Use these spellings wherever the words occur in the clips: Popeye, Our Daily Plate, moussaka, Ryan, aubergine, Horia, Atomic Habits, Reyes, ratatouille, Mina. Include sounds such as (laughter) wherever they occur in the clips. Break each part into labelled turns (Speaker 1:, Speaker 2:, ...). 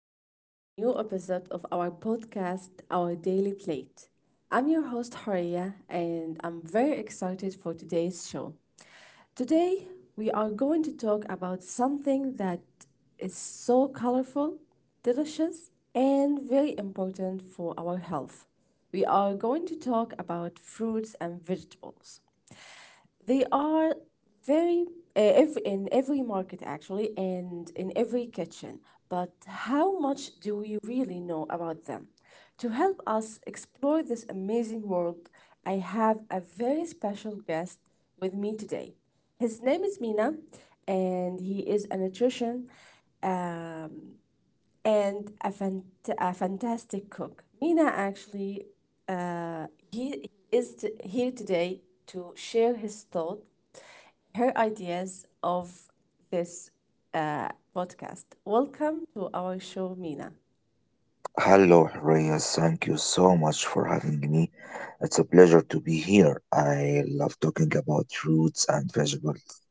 Speaker 1: to a new episode of our podcast, Our Daily Plate. I'm your host, Horia, and I'm very excited for today's show. Today, we are going to talk about something that is so colorful, delicious, and very important for our health. We are going to talk about fruits and vegetables. They are very in every market actually and in every kitchen, but how much do we really know about them? To help us explore this amazing world, I have a very special guest with me today. His name is Mina, and he is a nutrition um, and a fantastic cook. Mina actually, he is here today to share his thought, her ideas of this uh, podcast. Welcome to our show, Mina.
Speaker 2: Hello, Reyes. Thank you so much for having me. It's a pleasure to be here. I love talking about roots and vegetables.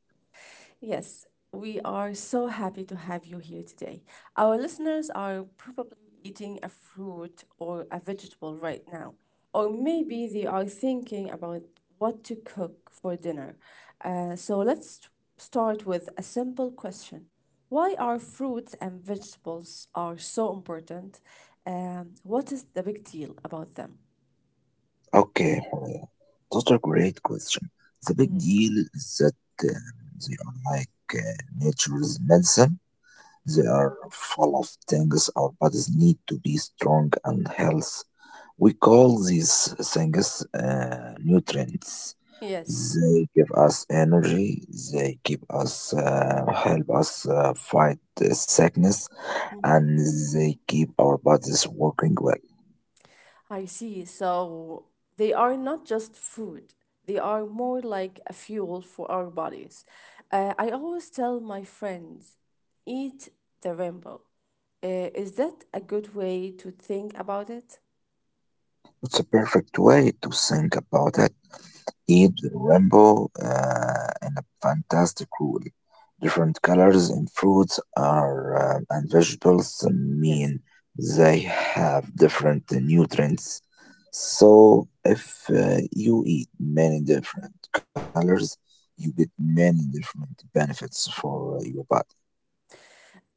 Speaker 1: Yes, we are so happy to have you here today. Our listeners are probably eating a fruit or a vegetable right now, or maybe they are thinking about what to cook for dinner. So let's start with a simple question. Why are fruits and vegetables are so important? What is the big deal about them?
Speaker 2: Okay, Horia, those are great question. The big deal is that they are like nature's medicine. They are full of things our bodies need to be strong and healthy. We call these things nutrients.
Speaker 1: Yes.
Speaker 2: They give us energy. They keep us, help us fight the sickness, and they keep our bodies working well.
Speaker 1: I see. So they are not just food, they are more like a fuel for our bodies. I always tell my friends, eat the rainbow. Is that a good way to think about it?
Speaker 2: It's a perfect way to think about it. Need rainbow and a fantastic rule. Different colors in fruits are
Speaker 1: Mhm.
Speaker 2: and vegetables
Speaker 1: Yes,
Speaker 2: mean they have different nutrients. So if you eat many different colors, you get many different benefits for your body.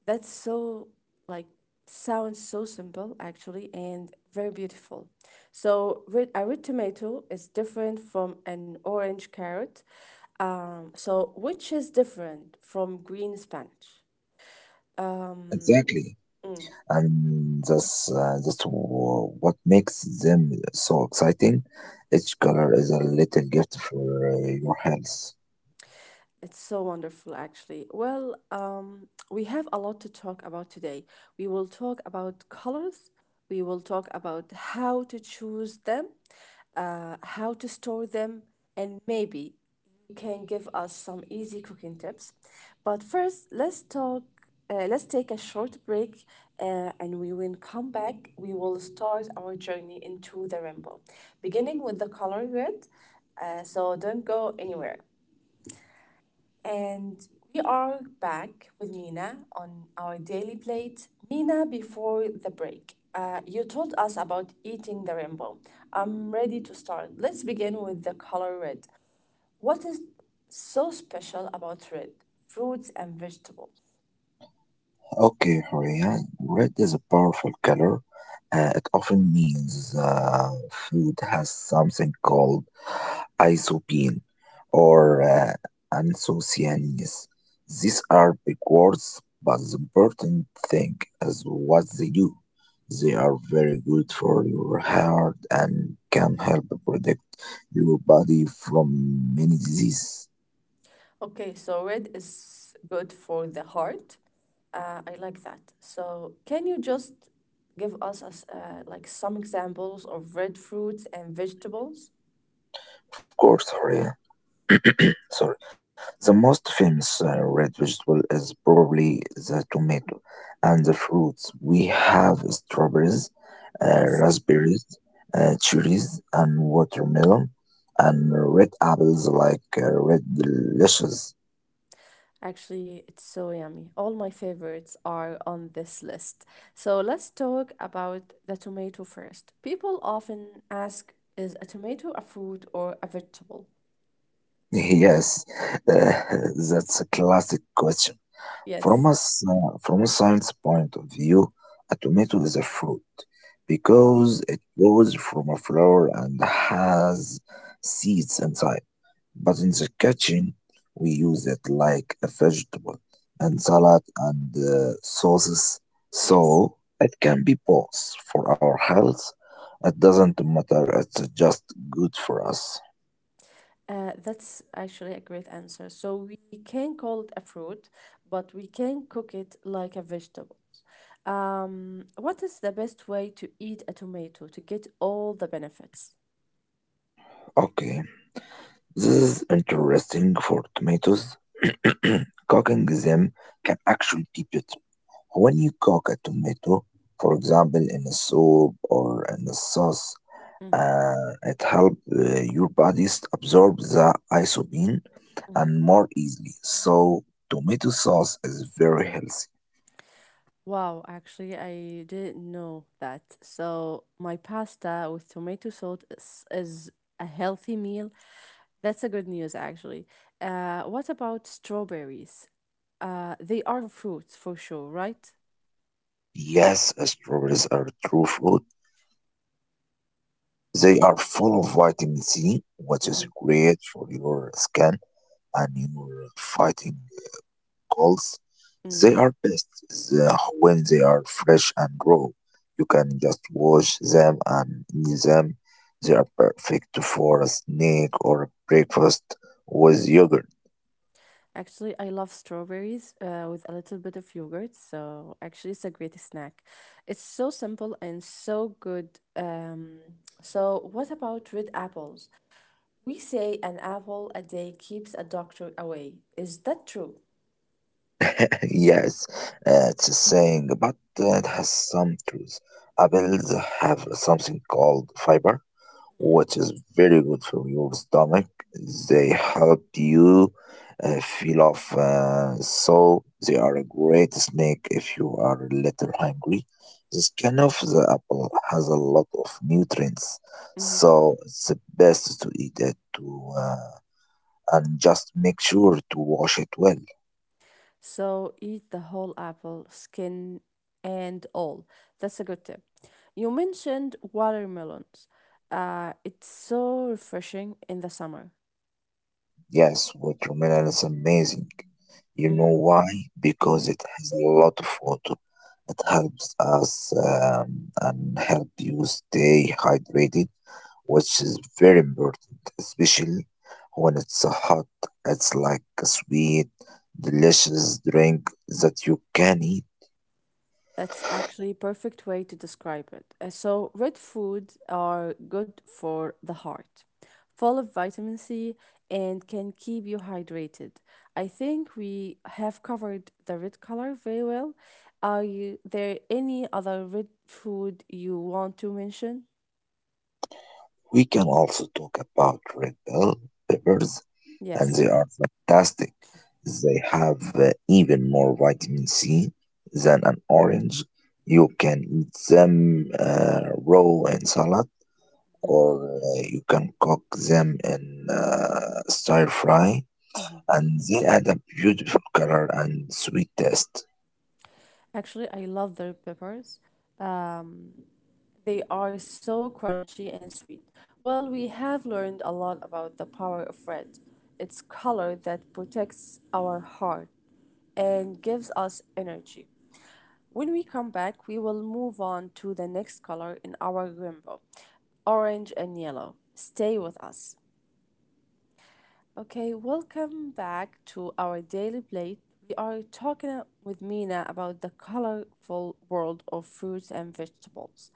Speaker 1: that's so like sounds so simple actually and very beautiful. So red, a red tomato is different from an orange carrot. So which is different from green spinach? Um,
Speaker 2: Exactly.
Speaker 1: mm.
Speaker 2: And that's what makes them so exciting. Each color is a little gift for your health.
Speaker 1: It's so wonderful, actually. Well, we have a lot to talk about today. We will talk about colors, we will talk about how to choose them, how to store them, and maybe you can give us some easy cooking tips. But first, let's talk. Let's take a short break, and we will come back. We will start our journey into the rainbow, beginning with the color red. So don't go anywhere. And we are back with Mina on our daily plate. Mina, before the break, you told us about eating the rainbow. I'm ready to start. Let's begin with the color red. What is so special about red? Fruits and vegetables.
Speaker 2: Okay, Horia, red is a powerful color. It often means food has something called isopine or anthocyanins. These are big words, but the important thing is what they do. They are very good for your heart and can help protect your body from many diseases.
Speaker 1: Okay, so red is good for the heart. I like that. So, can you just give us like some examples of red fruits and vegetables?
Speaker 2: Of course, Horia. Sorry. The most famous red vegetable is probably the tomato, and the fruits we have strawberries,
Speaker 1: Yes.
Speaker 2: raspberries, cherries, and watermelon, and red apples like red delicious. (laughs)
Speaker 1: Actually, it's so yummy. All my favorites are on this list. So let's talk about the tomato first. People often ask, is a tomato a fruit or a vegetable?
Speaker 2: Yes, uh, (laughs) that's a classic question. From a,
Speaker 1: Yes.
Speaker 2: s- uh, from a science point of view, a tomato is a fruit
Speaker 1: Wow.
Speaker 2: because it grows from a flower and has seeds inside. But in
Speaker 1: Mhm.
Speaker 2: the kitchen, we use it like a vegetable and salad and sauces,
Speaker 1: Yes.
Speaker 2: so it can be both for our health. It doesn't matter, it's just good for us.
Speaker 1: That's actually a great answer. So we can call it a fruit, but we can cook it like a vegetable. What is the best way to eat a tomato to get all the benefits?
Speaker 2: Okay. This is interesting for tomatoes. (clears throat) Cooking
Speaker 1: Mm-hmm.
Speaker 2: them can actually be beautiful. When you cook a tomato, for example, in a soup or in a sauce,
Speaker 1: Mm-hmm.
Speaker 2: it helps your body absorb the isobean
Speaker 1: Mm-hmm.
Speaker 2: and more easily. So, tomato sauce is very healthy.
Speaker 1: Wow, actually, I didn't know that. So, my pasta with tomato sauce is a healthy meal. That's a good news, actually. What about strawberries? They are fruits for sure, right?
Speaker 2: Yes, strawberries are true fruit. They are full of vitamin C, which is
Speaker 1: Mm-hmm.
Speaker 2: great for your skin and your fighting calls, they
Speaker 1: Mm.
Speaker 2: are best when they are fresh and raw. You can just wash them and eat them. They are perfect for a snack or breakfast with yogurt.
Speaker 1: Actually, I love strawberries with a little bit of yogurt. So, actually, it's a great snack. It's so simple and so good. So, what about red apples? We say an apple a day keeps a doctor away. Is that true?
Speaker 2: (laughs) Yes, it's a saying, but it has some truth. Apples have something called fiber
Speaker 1: Mm-hmm.
Speaker 2: which is very good for your stomach. They help you feel off, so they are a great snack if you are a little hungry. The skin of the apple has a lot of nutrients,
Speaker 1: Mm-hmm.
Speaker 2: so it's best to eat it to and just make sure to wash it well.
Speaker 1: So eat the whole apple, skin and all. That's a good tip. You mentioned watermelons. It's so refreshing in the summer.
Speaker 2: Yes, watermelon is amazing. You
Speaker 1: Mm-hmm.
Speaker 2: know why? Because it has a lot of water. It helps us and help you stay hydrated, which is very important, especially when it's so hot. It's like a sweet, delicious drink that you can eat.
Speaker 1: That's actually perfect way to describe it. So red food are good for the heart, full of vitamin C and can keep you hydrated. I think we have covered the red color very well. There any other red food you want to mention?
Speaker 2: We can also talk about red bell peppers and they
Speaker 1: Yes.
Speaker 2: are fantastic. They have even more vitamin C than an orange. You can eat them raw in salad, or you can cook them in stir fry, and they add a beautiful color and sweet taste.
Speaker 1: Actually, I love the red peppers. Um, They are so crunchy and sweet. Well, we have learned a lot about the power of red. It's color that protects our heart and gives us energy. When we come back, we will move on to the next color in our rainbow, orange and yellow. Stay with us. Okay, welcome back to our daily plate. We are talking with Mina about the colorful world of fruits and vegetables.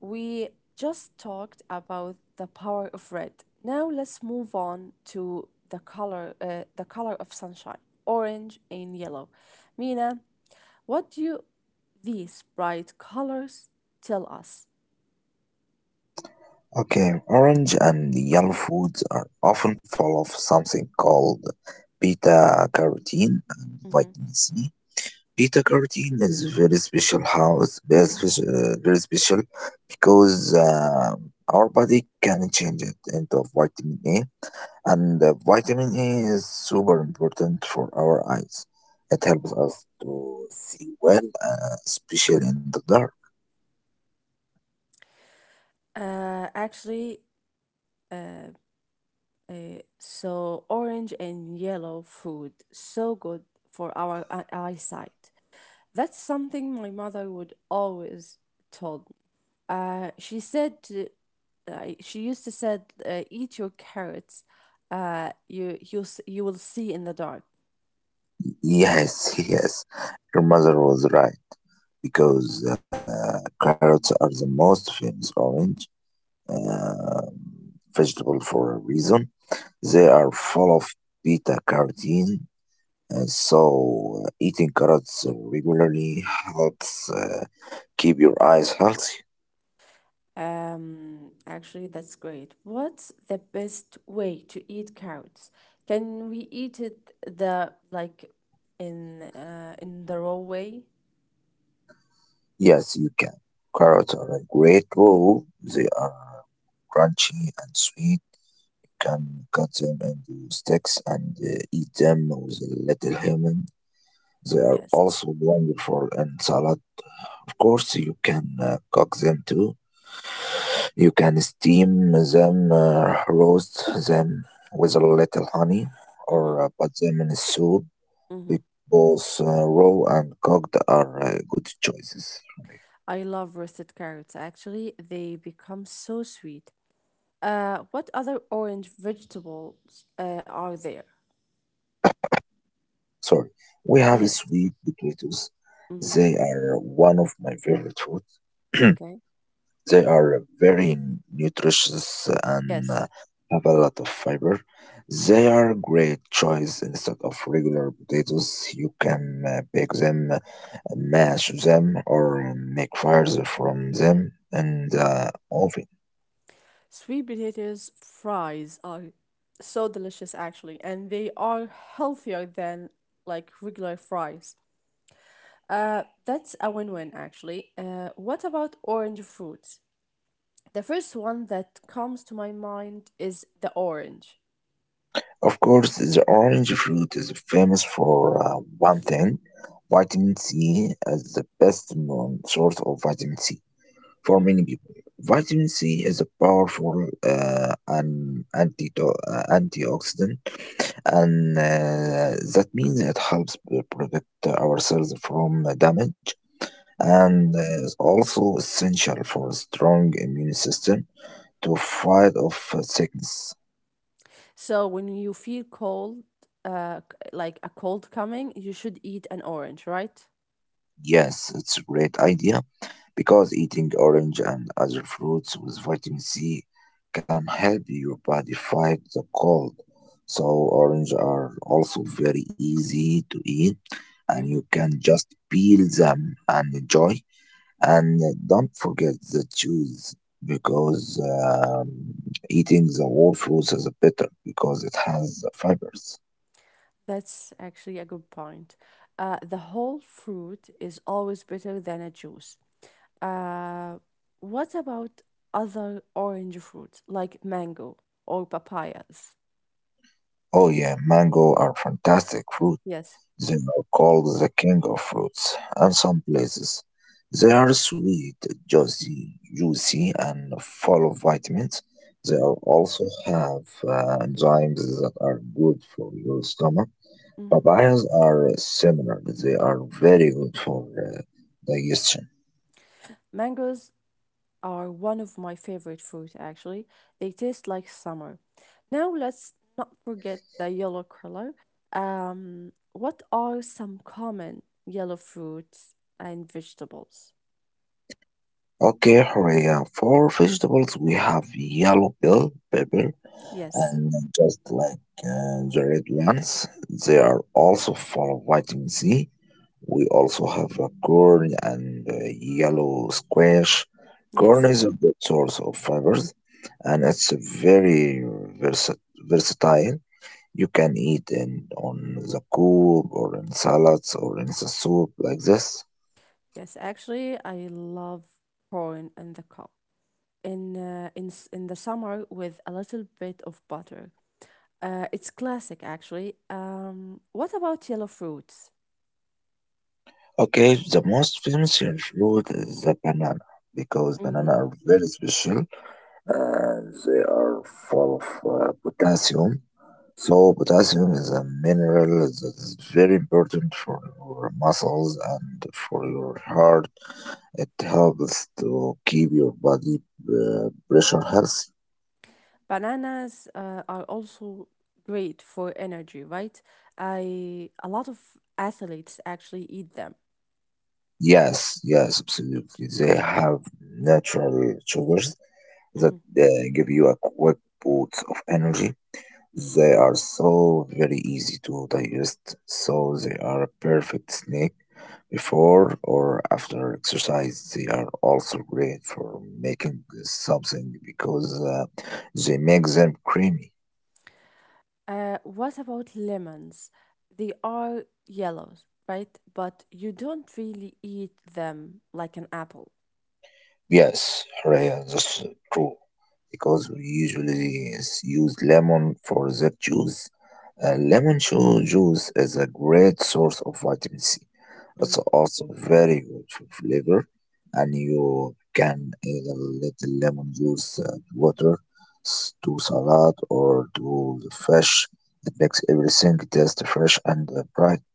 Speaker 1: We just talked about the power of red. Now let's move on to the color of sunshine, orange and yellow. Mina, what do these bright colors tell us?
Speaker 2: Okay, orange and yellow foods are often full of something called beta carotene and
Speaker 1: Mhm.
Speaker 2: vitamin C. Beta carotene is very special. How it's very special, because our body can change it into vitamin A, and vitamin A is super important for our eyes. It helps us to see well, especially in the dark.
Speaker 1: Uh, actually, uh. So orange and yellow food, so good for our eyesight. That's something my mother would always told me. Uh, she said to, she used to said, "Eat your carrots. You will see in the dark."
Speaker 2: Yes, (laughs) yes, your mother was right because carrots are the most famous orange uh, vegetable for a reason. They
Speaker 1: Mhm.
Speaker 2: are full of beta carotene, and so eating carrots regularly helps keep your eyes healthy.
Speaker 1: Actually, that's great. What's the best way to eat carrots? Can we eat it the like in the raw way?
Speaker 2: Yes, you can. Carrots are a great bowl. They are crunchy and sweet. You can cut them into sticks and eat them with a little lemon. They are
Speaker 1: Yes.
Speaker 2: also wonderful in salad. Of course, you can cook them too. You can steam them, roast them with a little honey,
Speaker 1: Mm-hmm.
Speaker 2: or put them in a soup.
Speaker 1: Mm-hmm.
Speaker 2: Be- Both raw and cooked are good choices. Okay.
Speaker 1: I love roasted carrots. Actually, they become so sweet. What other orange vegetables are there?
Speaker 2: Sorry, we have
Speaker 1: Yes.
Speaker 2: sweet potatoes.
Speaker 1: Mm-hmm.
Speaker 2: They are one of my favorite foods. (clears throat)
Speaker 1: Okay.
Speaker 2: They are very nutritious and
Speaker 1: Yes.
Speaker 2: have a lot of fiber. They are a great choice instead of regular potatoes. You can bake them, mash them, or make fires from them in the oven.
Speaker 1: Sweet potatoes fries are so delicious, actually, and they are healthier than like regular fries. That's a win-win, actually. What about orange fruits? The first one that comes to my mind is the orange.
Speaker 2: Of course, the orange fruit is famous for one thing, vitamin C, as the best known source of vitamin C for many people. Vitamin C is a powerful an anti antioxidant, and that means it helps protect our cells from damage, and is also essential for a strong immune system to fight off sickness.
Speaker 1: So when you feel cold, like a cold coming, you should eat an orange, right?
Speaker 2: Yes, it's a great idea because eating orange and other fruits with vitamin C can help your body fight the cold. So, orange are also very easy to eat, and you
Speaker 1: Hmm.
Speaker 2: can just peel them and enjoy. And don't forget the juice because eating the whole fruits is better because it has the fibers.
Speaker 1: That's actually a good point. The whole fruit is always better than a juice. Uh, what about other orange fruits like mango or papayas?
Speaker 2: Oh yeah, mango are fantastic fruit.
Speaker 1: Yes.
Speaker 2: They are called the king of fruits, and some places they are sweet, juicy, juicy, and full of vitamins. They
Speaker 1: Mm-hmm.
Speaker 2: are also have enzymes that are good for your stomach.
Speaker 1: Mm-hmm.
Speaker 2: Papayas are similar; they are very good for digestion.
Speaker 1: Mangoes are one of my favorite fruit actually. They taste like summer. Now let's not forget the yellow color. What are some common yellow fruits and vegetables?
Speaker 2: Okay, Horea, for vegetables we have yellow bell pepper,
Speaker 1: Yes,
Speaker 2: and just like the red ones, they are also full of vitamin C. We also have corn and yellow squash. Corn
Speaker 1: yes,
Speaker 2: is a good source of fibers and it's very versa- versatile. You can eat it on the cob or in salads or in the soup like this.
Speaker 1: yes. Actually, I love corn in the cup in in the summer with a little bit of butter. It's classic actually. What about yellow fruits?
Speaker 2: Okay, the most famous fruit is the banana because
Speaker 1: Mm-hmm.
Speaker 2: banana are very special and they are full of potassium. So potassium is a mineral that is very important for your muscles and for your heart. It helps to keep your body pressure healthy.
Speaker 1: Bananas are also great for energy, right? I a lot of athletes actually eat them.
Speaker 2: Yes, yes, absolutely. They have natural sugars that
Speaker 1: Mhm.
Speaker 2: uh, give you a quick boost of energy. They are so very easy to digest, so they are a perfect snack before or after exercise. They are also great for making something because they make them creamy.
Speaker 1: What about lemons? They are yellows, right? But you don't really eat them like an apple.
Speaker 2: Yes, Raya, that's true. Because we usually use lemon for that juice. Lemon juice is a great source of vitamin C. It's
Speaker 1: Mhm.
Speaker 2: also very good for flavor, and you can add a little lemon juice to water, to salad, or to the fish. It makes everything taste fresh and bright.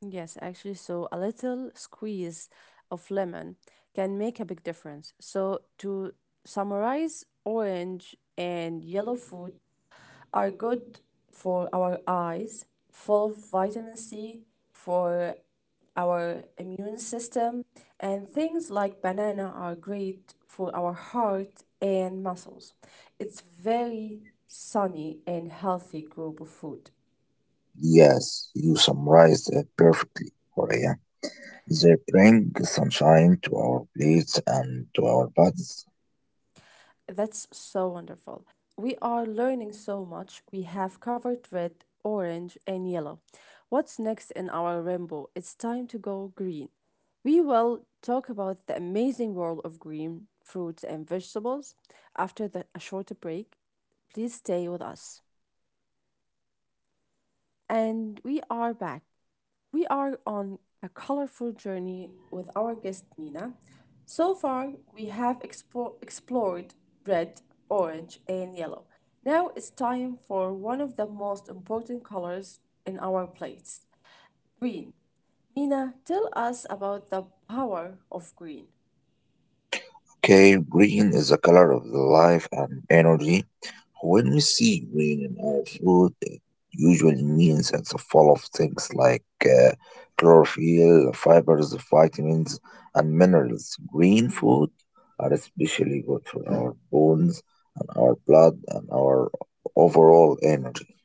Speaker 1: Yes, actually, so a little squeeze of lemon can make a big difference. So to summarize, orange and yellow food. Are good for our eyes, full of vitamin C for our immune system, and things like banana are great for our heart and muscles. It's very sunny and healthy group of food.
Speaker 2: Yes, you summarized it perfectly, Raya. They bring sunshine to our plates and to our bodies.
Speaker 1: That's so wonderful. We are learning so much. We have covered red, orange, and yellow. What's next in our rainbow? It's time to go green. We will talk about the amazing world of green fruits and vegetables after a short break. Please stay with us. And we are back. We are on a colorful journey with our guest Mina. So far, we have explored red, orange, and yellow. Now it's time for one of the most important colors in our plates green. Mina, tell us about the power of green.
Speaker 2: Okay, green is the color of the life and energy. When we see green in our food, it usually means it's full of things like chlorophyll, fibers, vitamins, and minerals. Green food are especially good for our bones and our blood and our overall energy.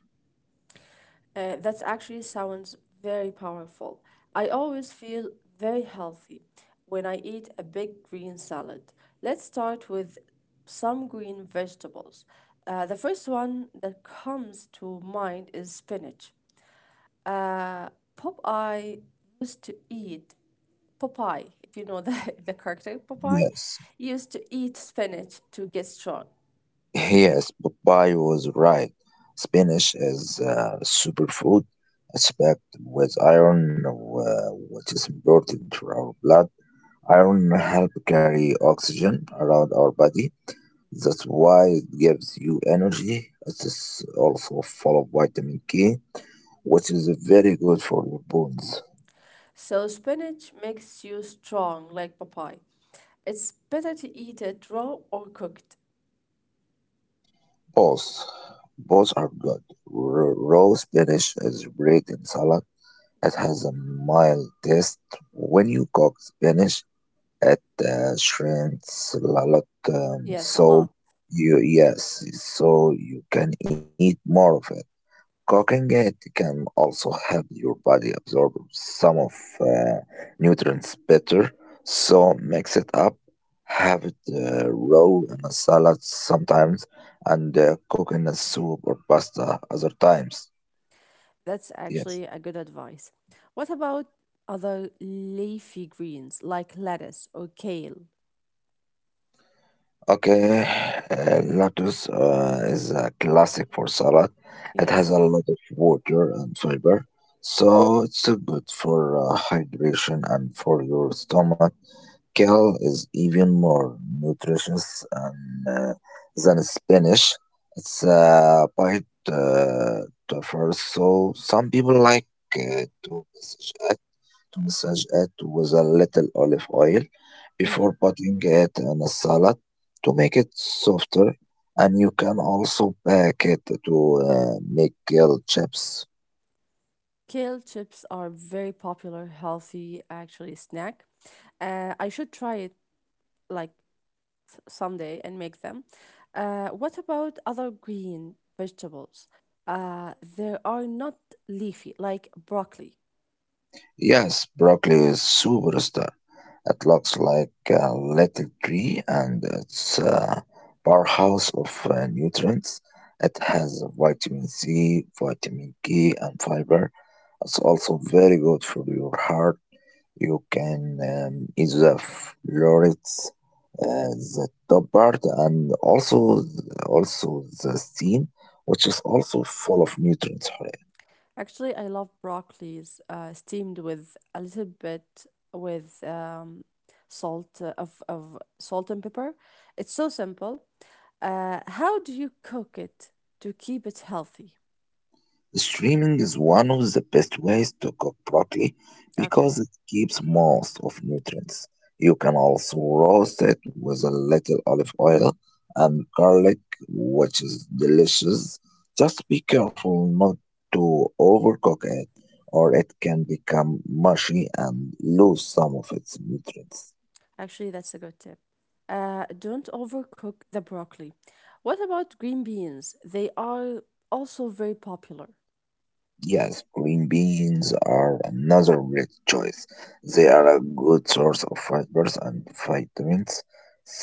Speaker 1: That actually sounds very powerful. I always feel very healthy when I eat a big green salad. Let's start with some green vegetables. The first one that comes to mind is spinach. Uh, Popeye used to eat Popeye, if you know the, (laughs) the character Popeye,
Speaker 2: Yes.
Speaker 1: used to eat spinach to get strong.
Speaker 2: Yes, Popeye was right. Spinach is a superfood. It's packed with iron, which is important for our blood. Iron helps carry oxygen around our body. That's why it gives you energy. It is also full of vitamin K, which is very good for your bones.
Speaker 1: So spinach makes you strong like papaya. It's better to eat it raw or cooked.
Speaker 2: Both, both are good. Raw spinach is great in salad. It has a mild taste. When you cook spinach, it shrinks a lot,
Speaker 1: Yes, a
Speaker 2: so
Speaker 1: lot.
Speaker 2: you, yes, so you can eat more of it. Cooking it can also help your body absorb some of uh, nutrients better, so mix it up. Have it raw in a salad sometimes, and cook in a soup or pasta other times.
Speaker 1: That's
Speaker 2: Yes.
Speaker 1: actually a good advice. What about other leafy greens like lettuce or kale?
Speaker 2: Okay, lettuce is a classic for salad. It has
Speaker 1: Yes.
Speaker 2: a lot of water and fiber, so it's good for hydration and for your stomach. Kale is even more nutritious than spinach. It's a bite tougher, so some people like to message massage it with a little olive oil before
Speaker 1: Hmm.
Speaker 2: putting it in a salad to make it softer. And you can also pack it to make grilled chips.
Speaker 1: Kale chips are very popular, healthy actually snack. I should try it like someday and make them. What about other green vegetables? They are not leafy, like broccoli.
Speaker 2: Yes, broccoli is superstar. It looks like a little tree and it's a powerhouse of nutrients. It has vitamin C, vitamin K, and fiber. It's also very good for your heart. You can either floor it, the top part and also the seam, which is also full of nutrients.
Speaker 1: Actually, I love broccolis steamed with a little bit with salt of salt and pepper. It's so simple. How do you cook it to keep it healthy?
Speaker 2: Streaming is one of the best ways to cook broccoli
Speaker 1: Okay.
Speaker 2: because it keeps most of nutrients. You can also roast it with a little olive oil and garlic, which is delicious. Just be careful not to overcook it, or it can become mushy and lose some of its nutrients.
Speaker 1: Actually, that's a good tip. Don't overcook the broccoli. What about green beans? They are also very popular.
Speaker 2: Yes, green beans are another great choice. They are a good source of fibers and vitamins.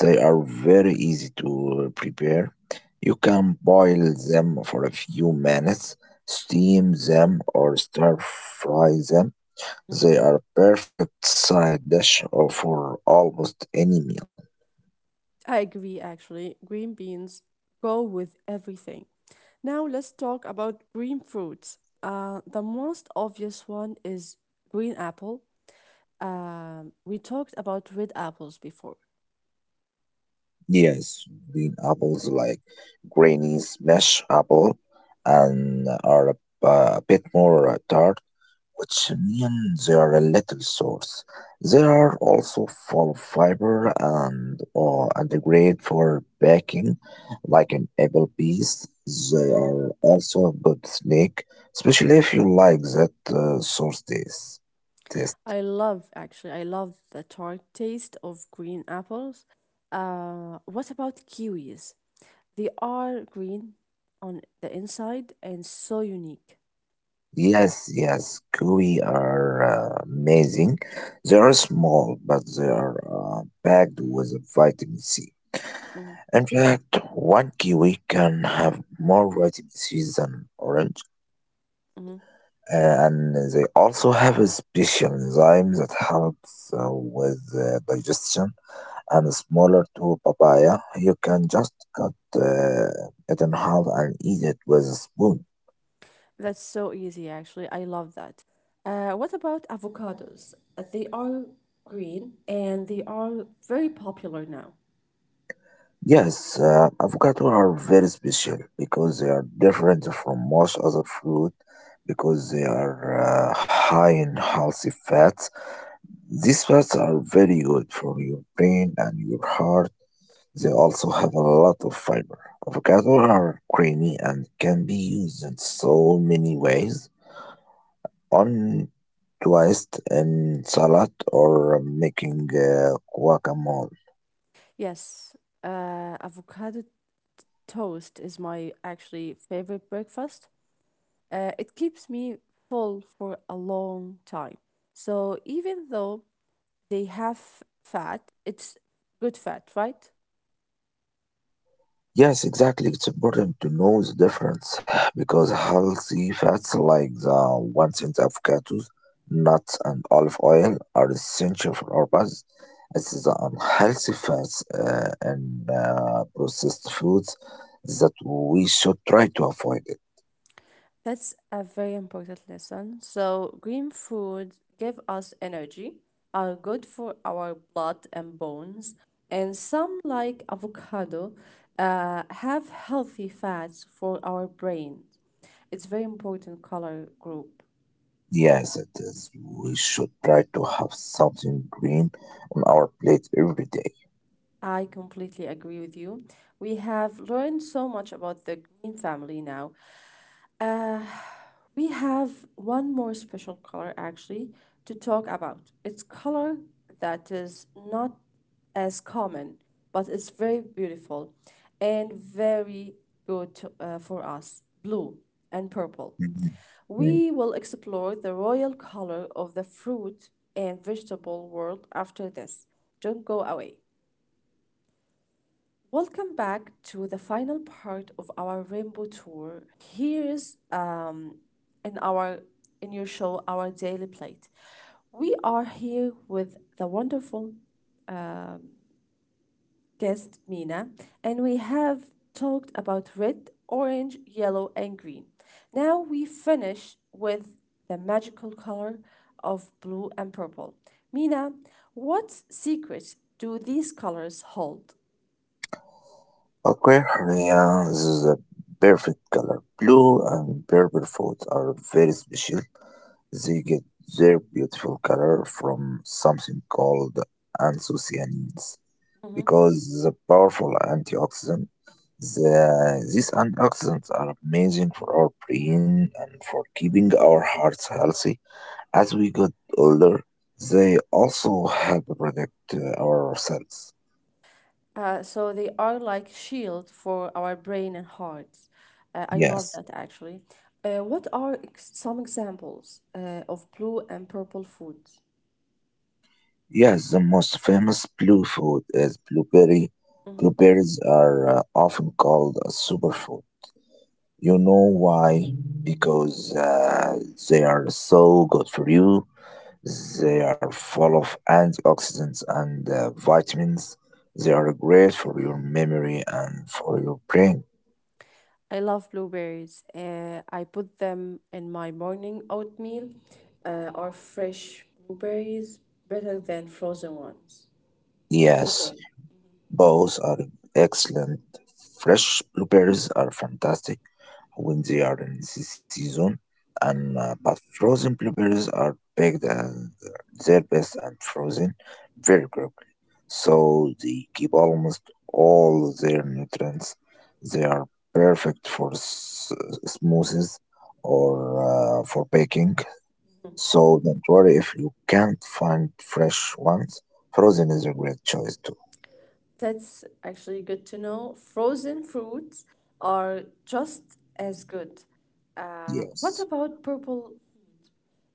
Speaker 2: They are very easy to prepare. You can boil them for a few minutes, steam them, or stir fry them.
Speaker 1: Mhm.
Speaker 2: They are perfect side dish for almost any meal.
Speaker 1: I agree, actually. Green beans go with everything. Now, let's talk about green fruits. The most obvious one is green apple. We talked about red apples before.
Speaker 2: Yes, green apples like grainy smash apple and are a bit more tart, which means they are a little source. They are also full of fiber and, and great for baking, like an apple piece. They are also a good snack, especially if you like that source taste. Taste.
Speaker 1: I love actually, I love the tart taste of green apples. What about kiwis? They are green on the inside and so unique.
Speaker 2: Yes, yes, kiwi are amazing. They are small, but they are packed with vitamin C.
Speaker 1: Mhm,
Speaker 2: In fact, one kiwi can have more vitamin C than orange.
Speaker 1: mhm,
Speaker 2: Uh, and they also have a special enzyme that helps with digestion and smaller to papaya. You can
Speaker 1: mhm.
Speaker 2: just cut it in half and eat it with a spoon.
Speaker 1: That's so easy actually. I love that. What about avocados? They are green and they are very popular now.
Speaker 2: Yes, avocado are very special because they are different from most other fruit because they are high in healthy fats. These fats are very good for your brain and your heart. They also have a lot of fiber. Avocados are creamy and can be used in so many ways, on toast in salad or making guacamole.
Speaker 1: Yes, avocado toast is my actually favorite breakfast. It keeps me full for a long time. So even though they have fat, it's good fat, right?
Speaker 2: Yes, exactly. It's important to know the difference (sighs) because healthy fats like the ones in avocados, nuts, and olive oil are essential for our bodies. It's the unhealthy fats and processed foods that we should try to avoid it.
Speaker 1: That's a very important lesson. So green food give us energy, are good for our blood and bones, and some like avocado have healthy fats for our brain. It's very important color group.
Speaker 2: Yes, it is. We should try to have something green on our plate every day.
Speaker 1: I completely agree with you. We have learned so much about the green family now. We have one more special color actually to talk about. It's color that is not as common, but it's very beautiful and very good for us. Blue and purple.
Speaker 2: Mhm.
Speaker 1: We will explore the royal color of the fruit and vegetable world after this. Don't go away. Welcome back to the final part of our rainbow tour. Here's in our in your show our daily plate. We are here with the wonderful guest Mina and we have talked about red, orange, yellow and green. Now we finish with the magical color of blue and purple. Mina, what secrets do these colors hold?
Speaker 2: Aquarius is a perfect color. Blue and purple fruits are very special. They get their beautiful color from something called anthocyanins because the powerful antioxidant. These antioxidants are amazing for our brain and for keeping our hearts healthy. As we get older, they also help protect our cells.
Speaker 1: So they are like shield for our brain and hearts. I love
Speaker 2: Yes.
Speaker 1: that actually. What are ex some examples of blue and purple foods?
Speaker 2: Yes, the most famous blue food is blueberry.
Speaker 1: Mhm.
Speaker 2: Blueberries are often called a superfood. You know why? Because they are so good for you. They are full of antioxidants and vitamins. They are great for your memory and for your brain.
Speaker 1: I love blueberries. I put them in my morning oatmeal. Are fresh blueberries better than frozen ones? What do you
Speaker 2: Yes,
Speaker 1: think?
Speaker 2: both are excellent. Fresh blueberries are fantastic when they are in the season, and but frozen blueberries are baked and they're best and frozen very quickly, so they keep almost all their nutrients. They are perfect for smoothies or for baking. So don't worry if you can't find fresh ones. Frozen is a great choice too.
Speaker 1: That's actually good to know. Frozen fruits are just as good. What
Speaker 2: Yes.
Speaker 1: about purple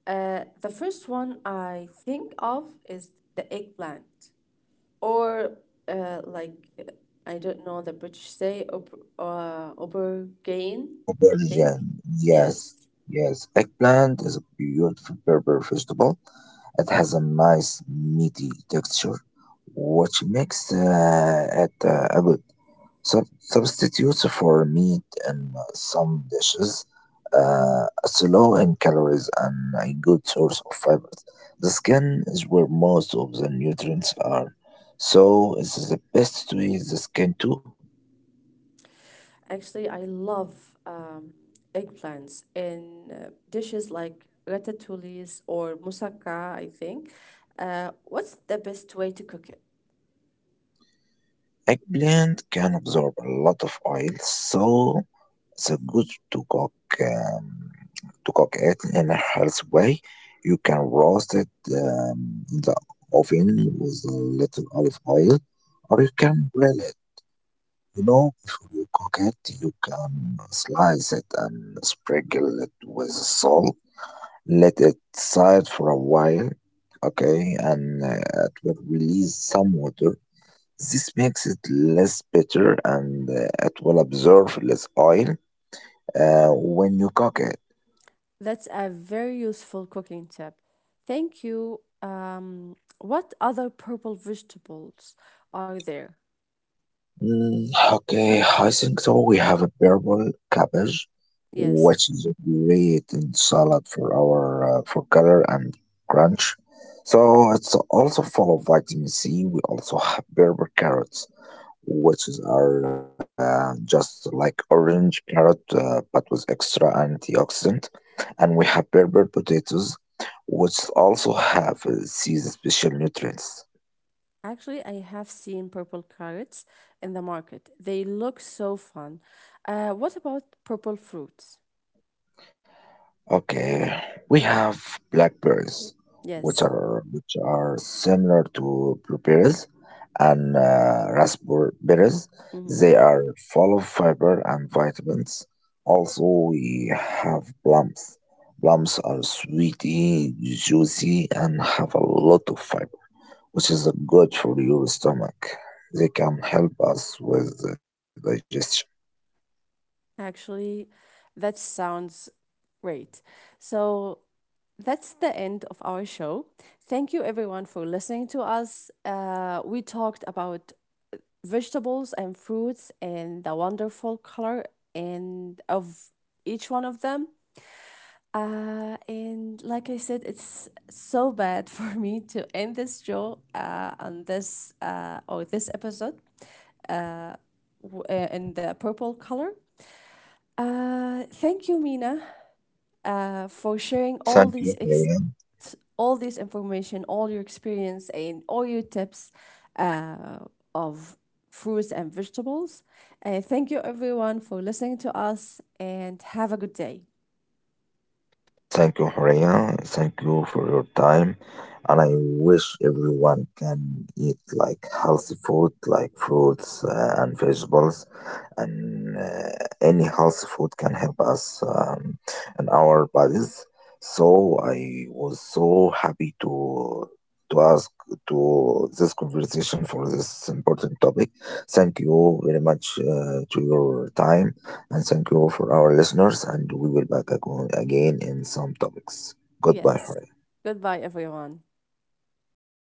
Speaker 1: The first one I think of is the eggplant, or uh, like uh, I don't know the British say aubergine. I think
Speaker 2: Version. Yes,
Speaker 1: yes.
Speaker 2: yes. Eggplant is a beautiful purple vegetable. It has a nice meaty texture, which makes it a good substitute for meat in some dishes. It's low in calories and a good source of fibers. The skin is where most of the nutrients are, so it is the best to eat the skin too.
Speaker 1: Actually, I love eggplants in dishes like ratatouilles or moussaka. I think. What's the best way to cook it?
Speaker 2: Eggplant can absorb a lot of oil, so it's good um, to cook it in a healthy way. You can roast it in the oven with a little olive oil, or you can grill it. You know, before you cook it, you can slice it and sprinkle it with salt. Let it side for a while, okay, and it will release some water. This makes it less bitter and it will absorb less oil when you cook it.
Speaker 1: That's a very useful cooking tip. Thank you. What other purple vegetables are there?
Speaker 2: Mm, okay, I think so. We have a purple cabbage,
Speaker 1: Yes,
Speaker 2: which is great in salad for our for color and crunch. So it's also full of vitamin C. We also have purple carrots, which is are just like orange carrot but with extra antioxidant, and we have purple potatoes which also have these special nutrients.
Speaker 1: actually, I have seen purple carrots in the market. They look so fun. What about purple fruits?
Speaker 2: Okay, we have blackberries, which
Speaker 1: Yes,
Speaker 2: are which are similar to blueberries and raspberries.
Speaker 1: hmm
Speaker 2: They are full of fiber and vitamins. Also, we have plums. Plums are sweety, juicy, and have a lot of fiber, which is good for your stomach. They can help us with the digestion.
Speaker 1: actually, that sounds great. So, that's the end of our show. Thank you everyone for listening to us. We talked about vegetables and fruits and the wonderful color and of each one of them. And like I said, it's so bad (laughs) for me to end this show on this episode in the purple color. Thank you, Mina, for sharing all
Speaker 2: Thank
Speaker 1: this
Speaker 2: you, Ryan.
Speaker 1: all this information, all your experience, and all your tips uh, of fruits and vegetables. Thank you, everyone, for listening to us, and have a good day.
Speaker 2: Thank you, Horea. Thank you for your time. And I wish everyone can eat like healthy food, like fruits and vegetables. And any healthy food can help us in our bodies. So I was so happy to ask to this conversation for this important topic. Thank you very much to your time and thank you for our listeners, and we will back again in some topics. Goodbye,
Speaker 1: Yes.
Speaker 2: Horia.
Speaker 1: Goodbye, everyone.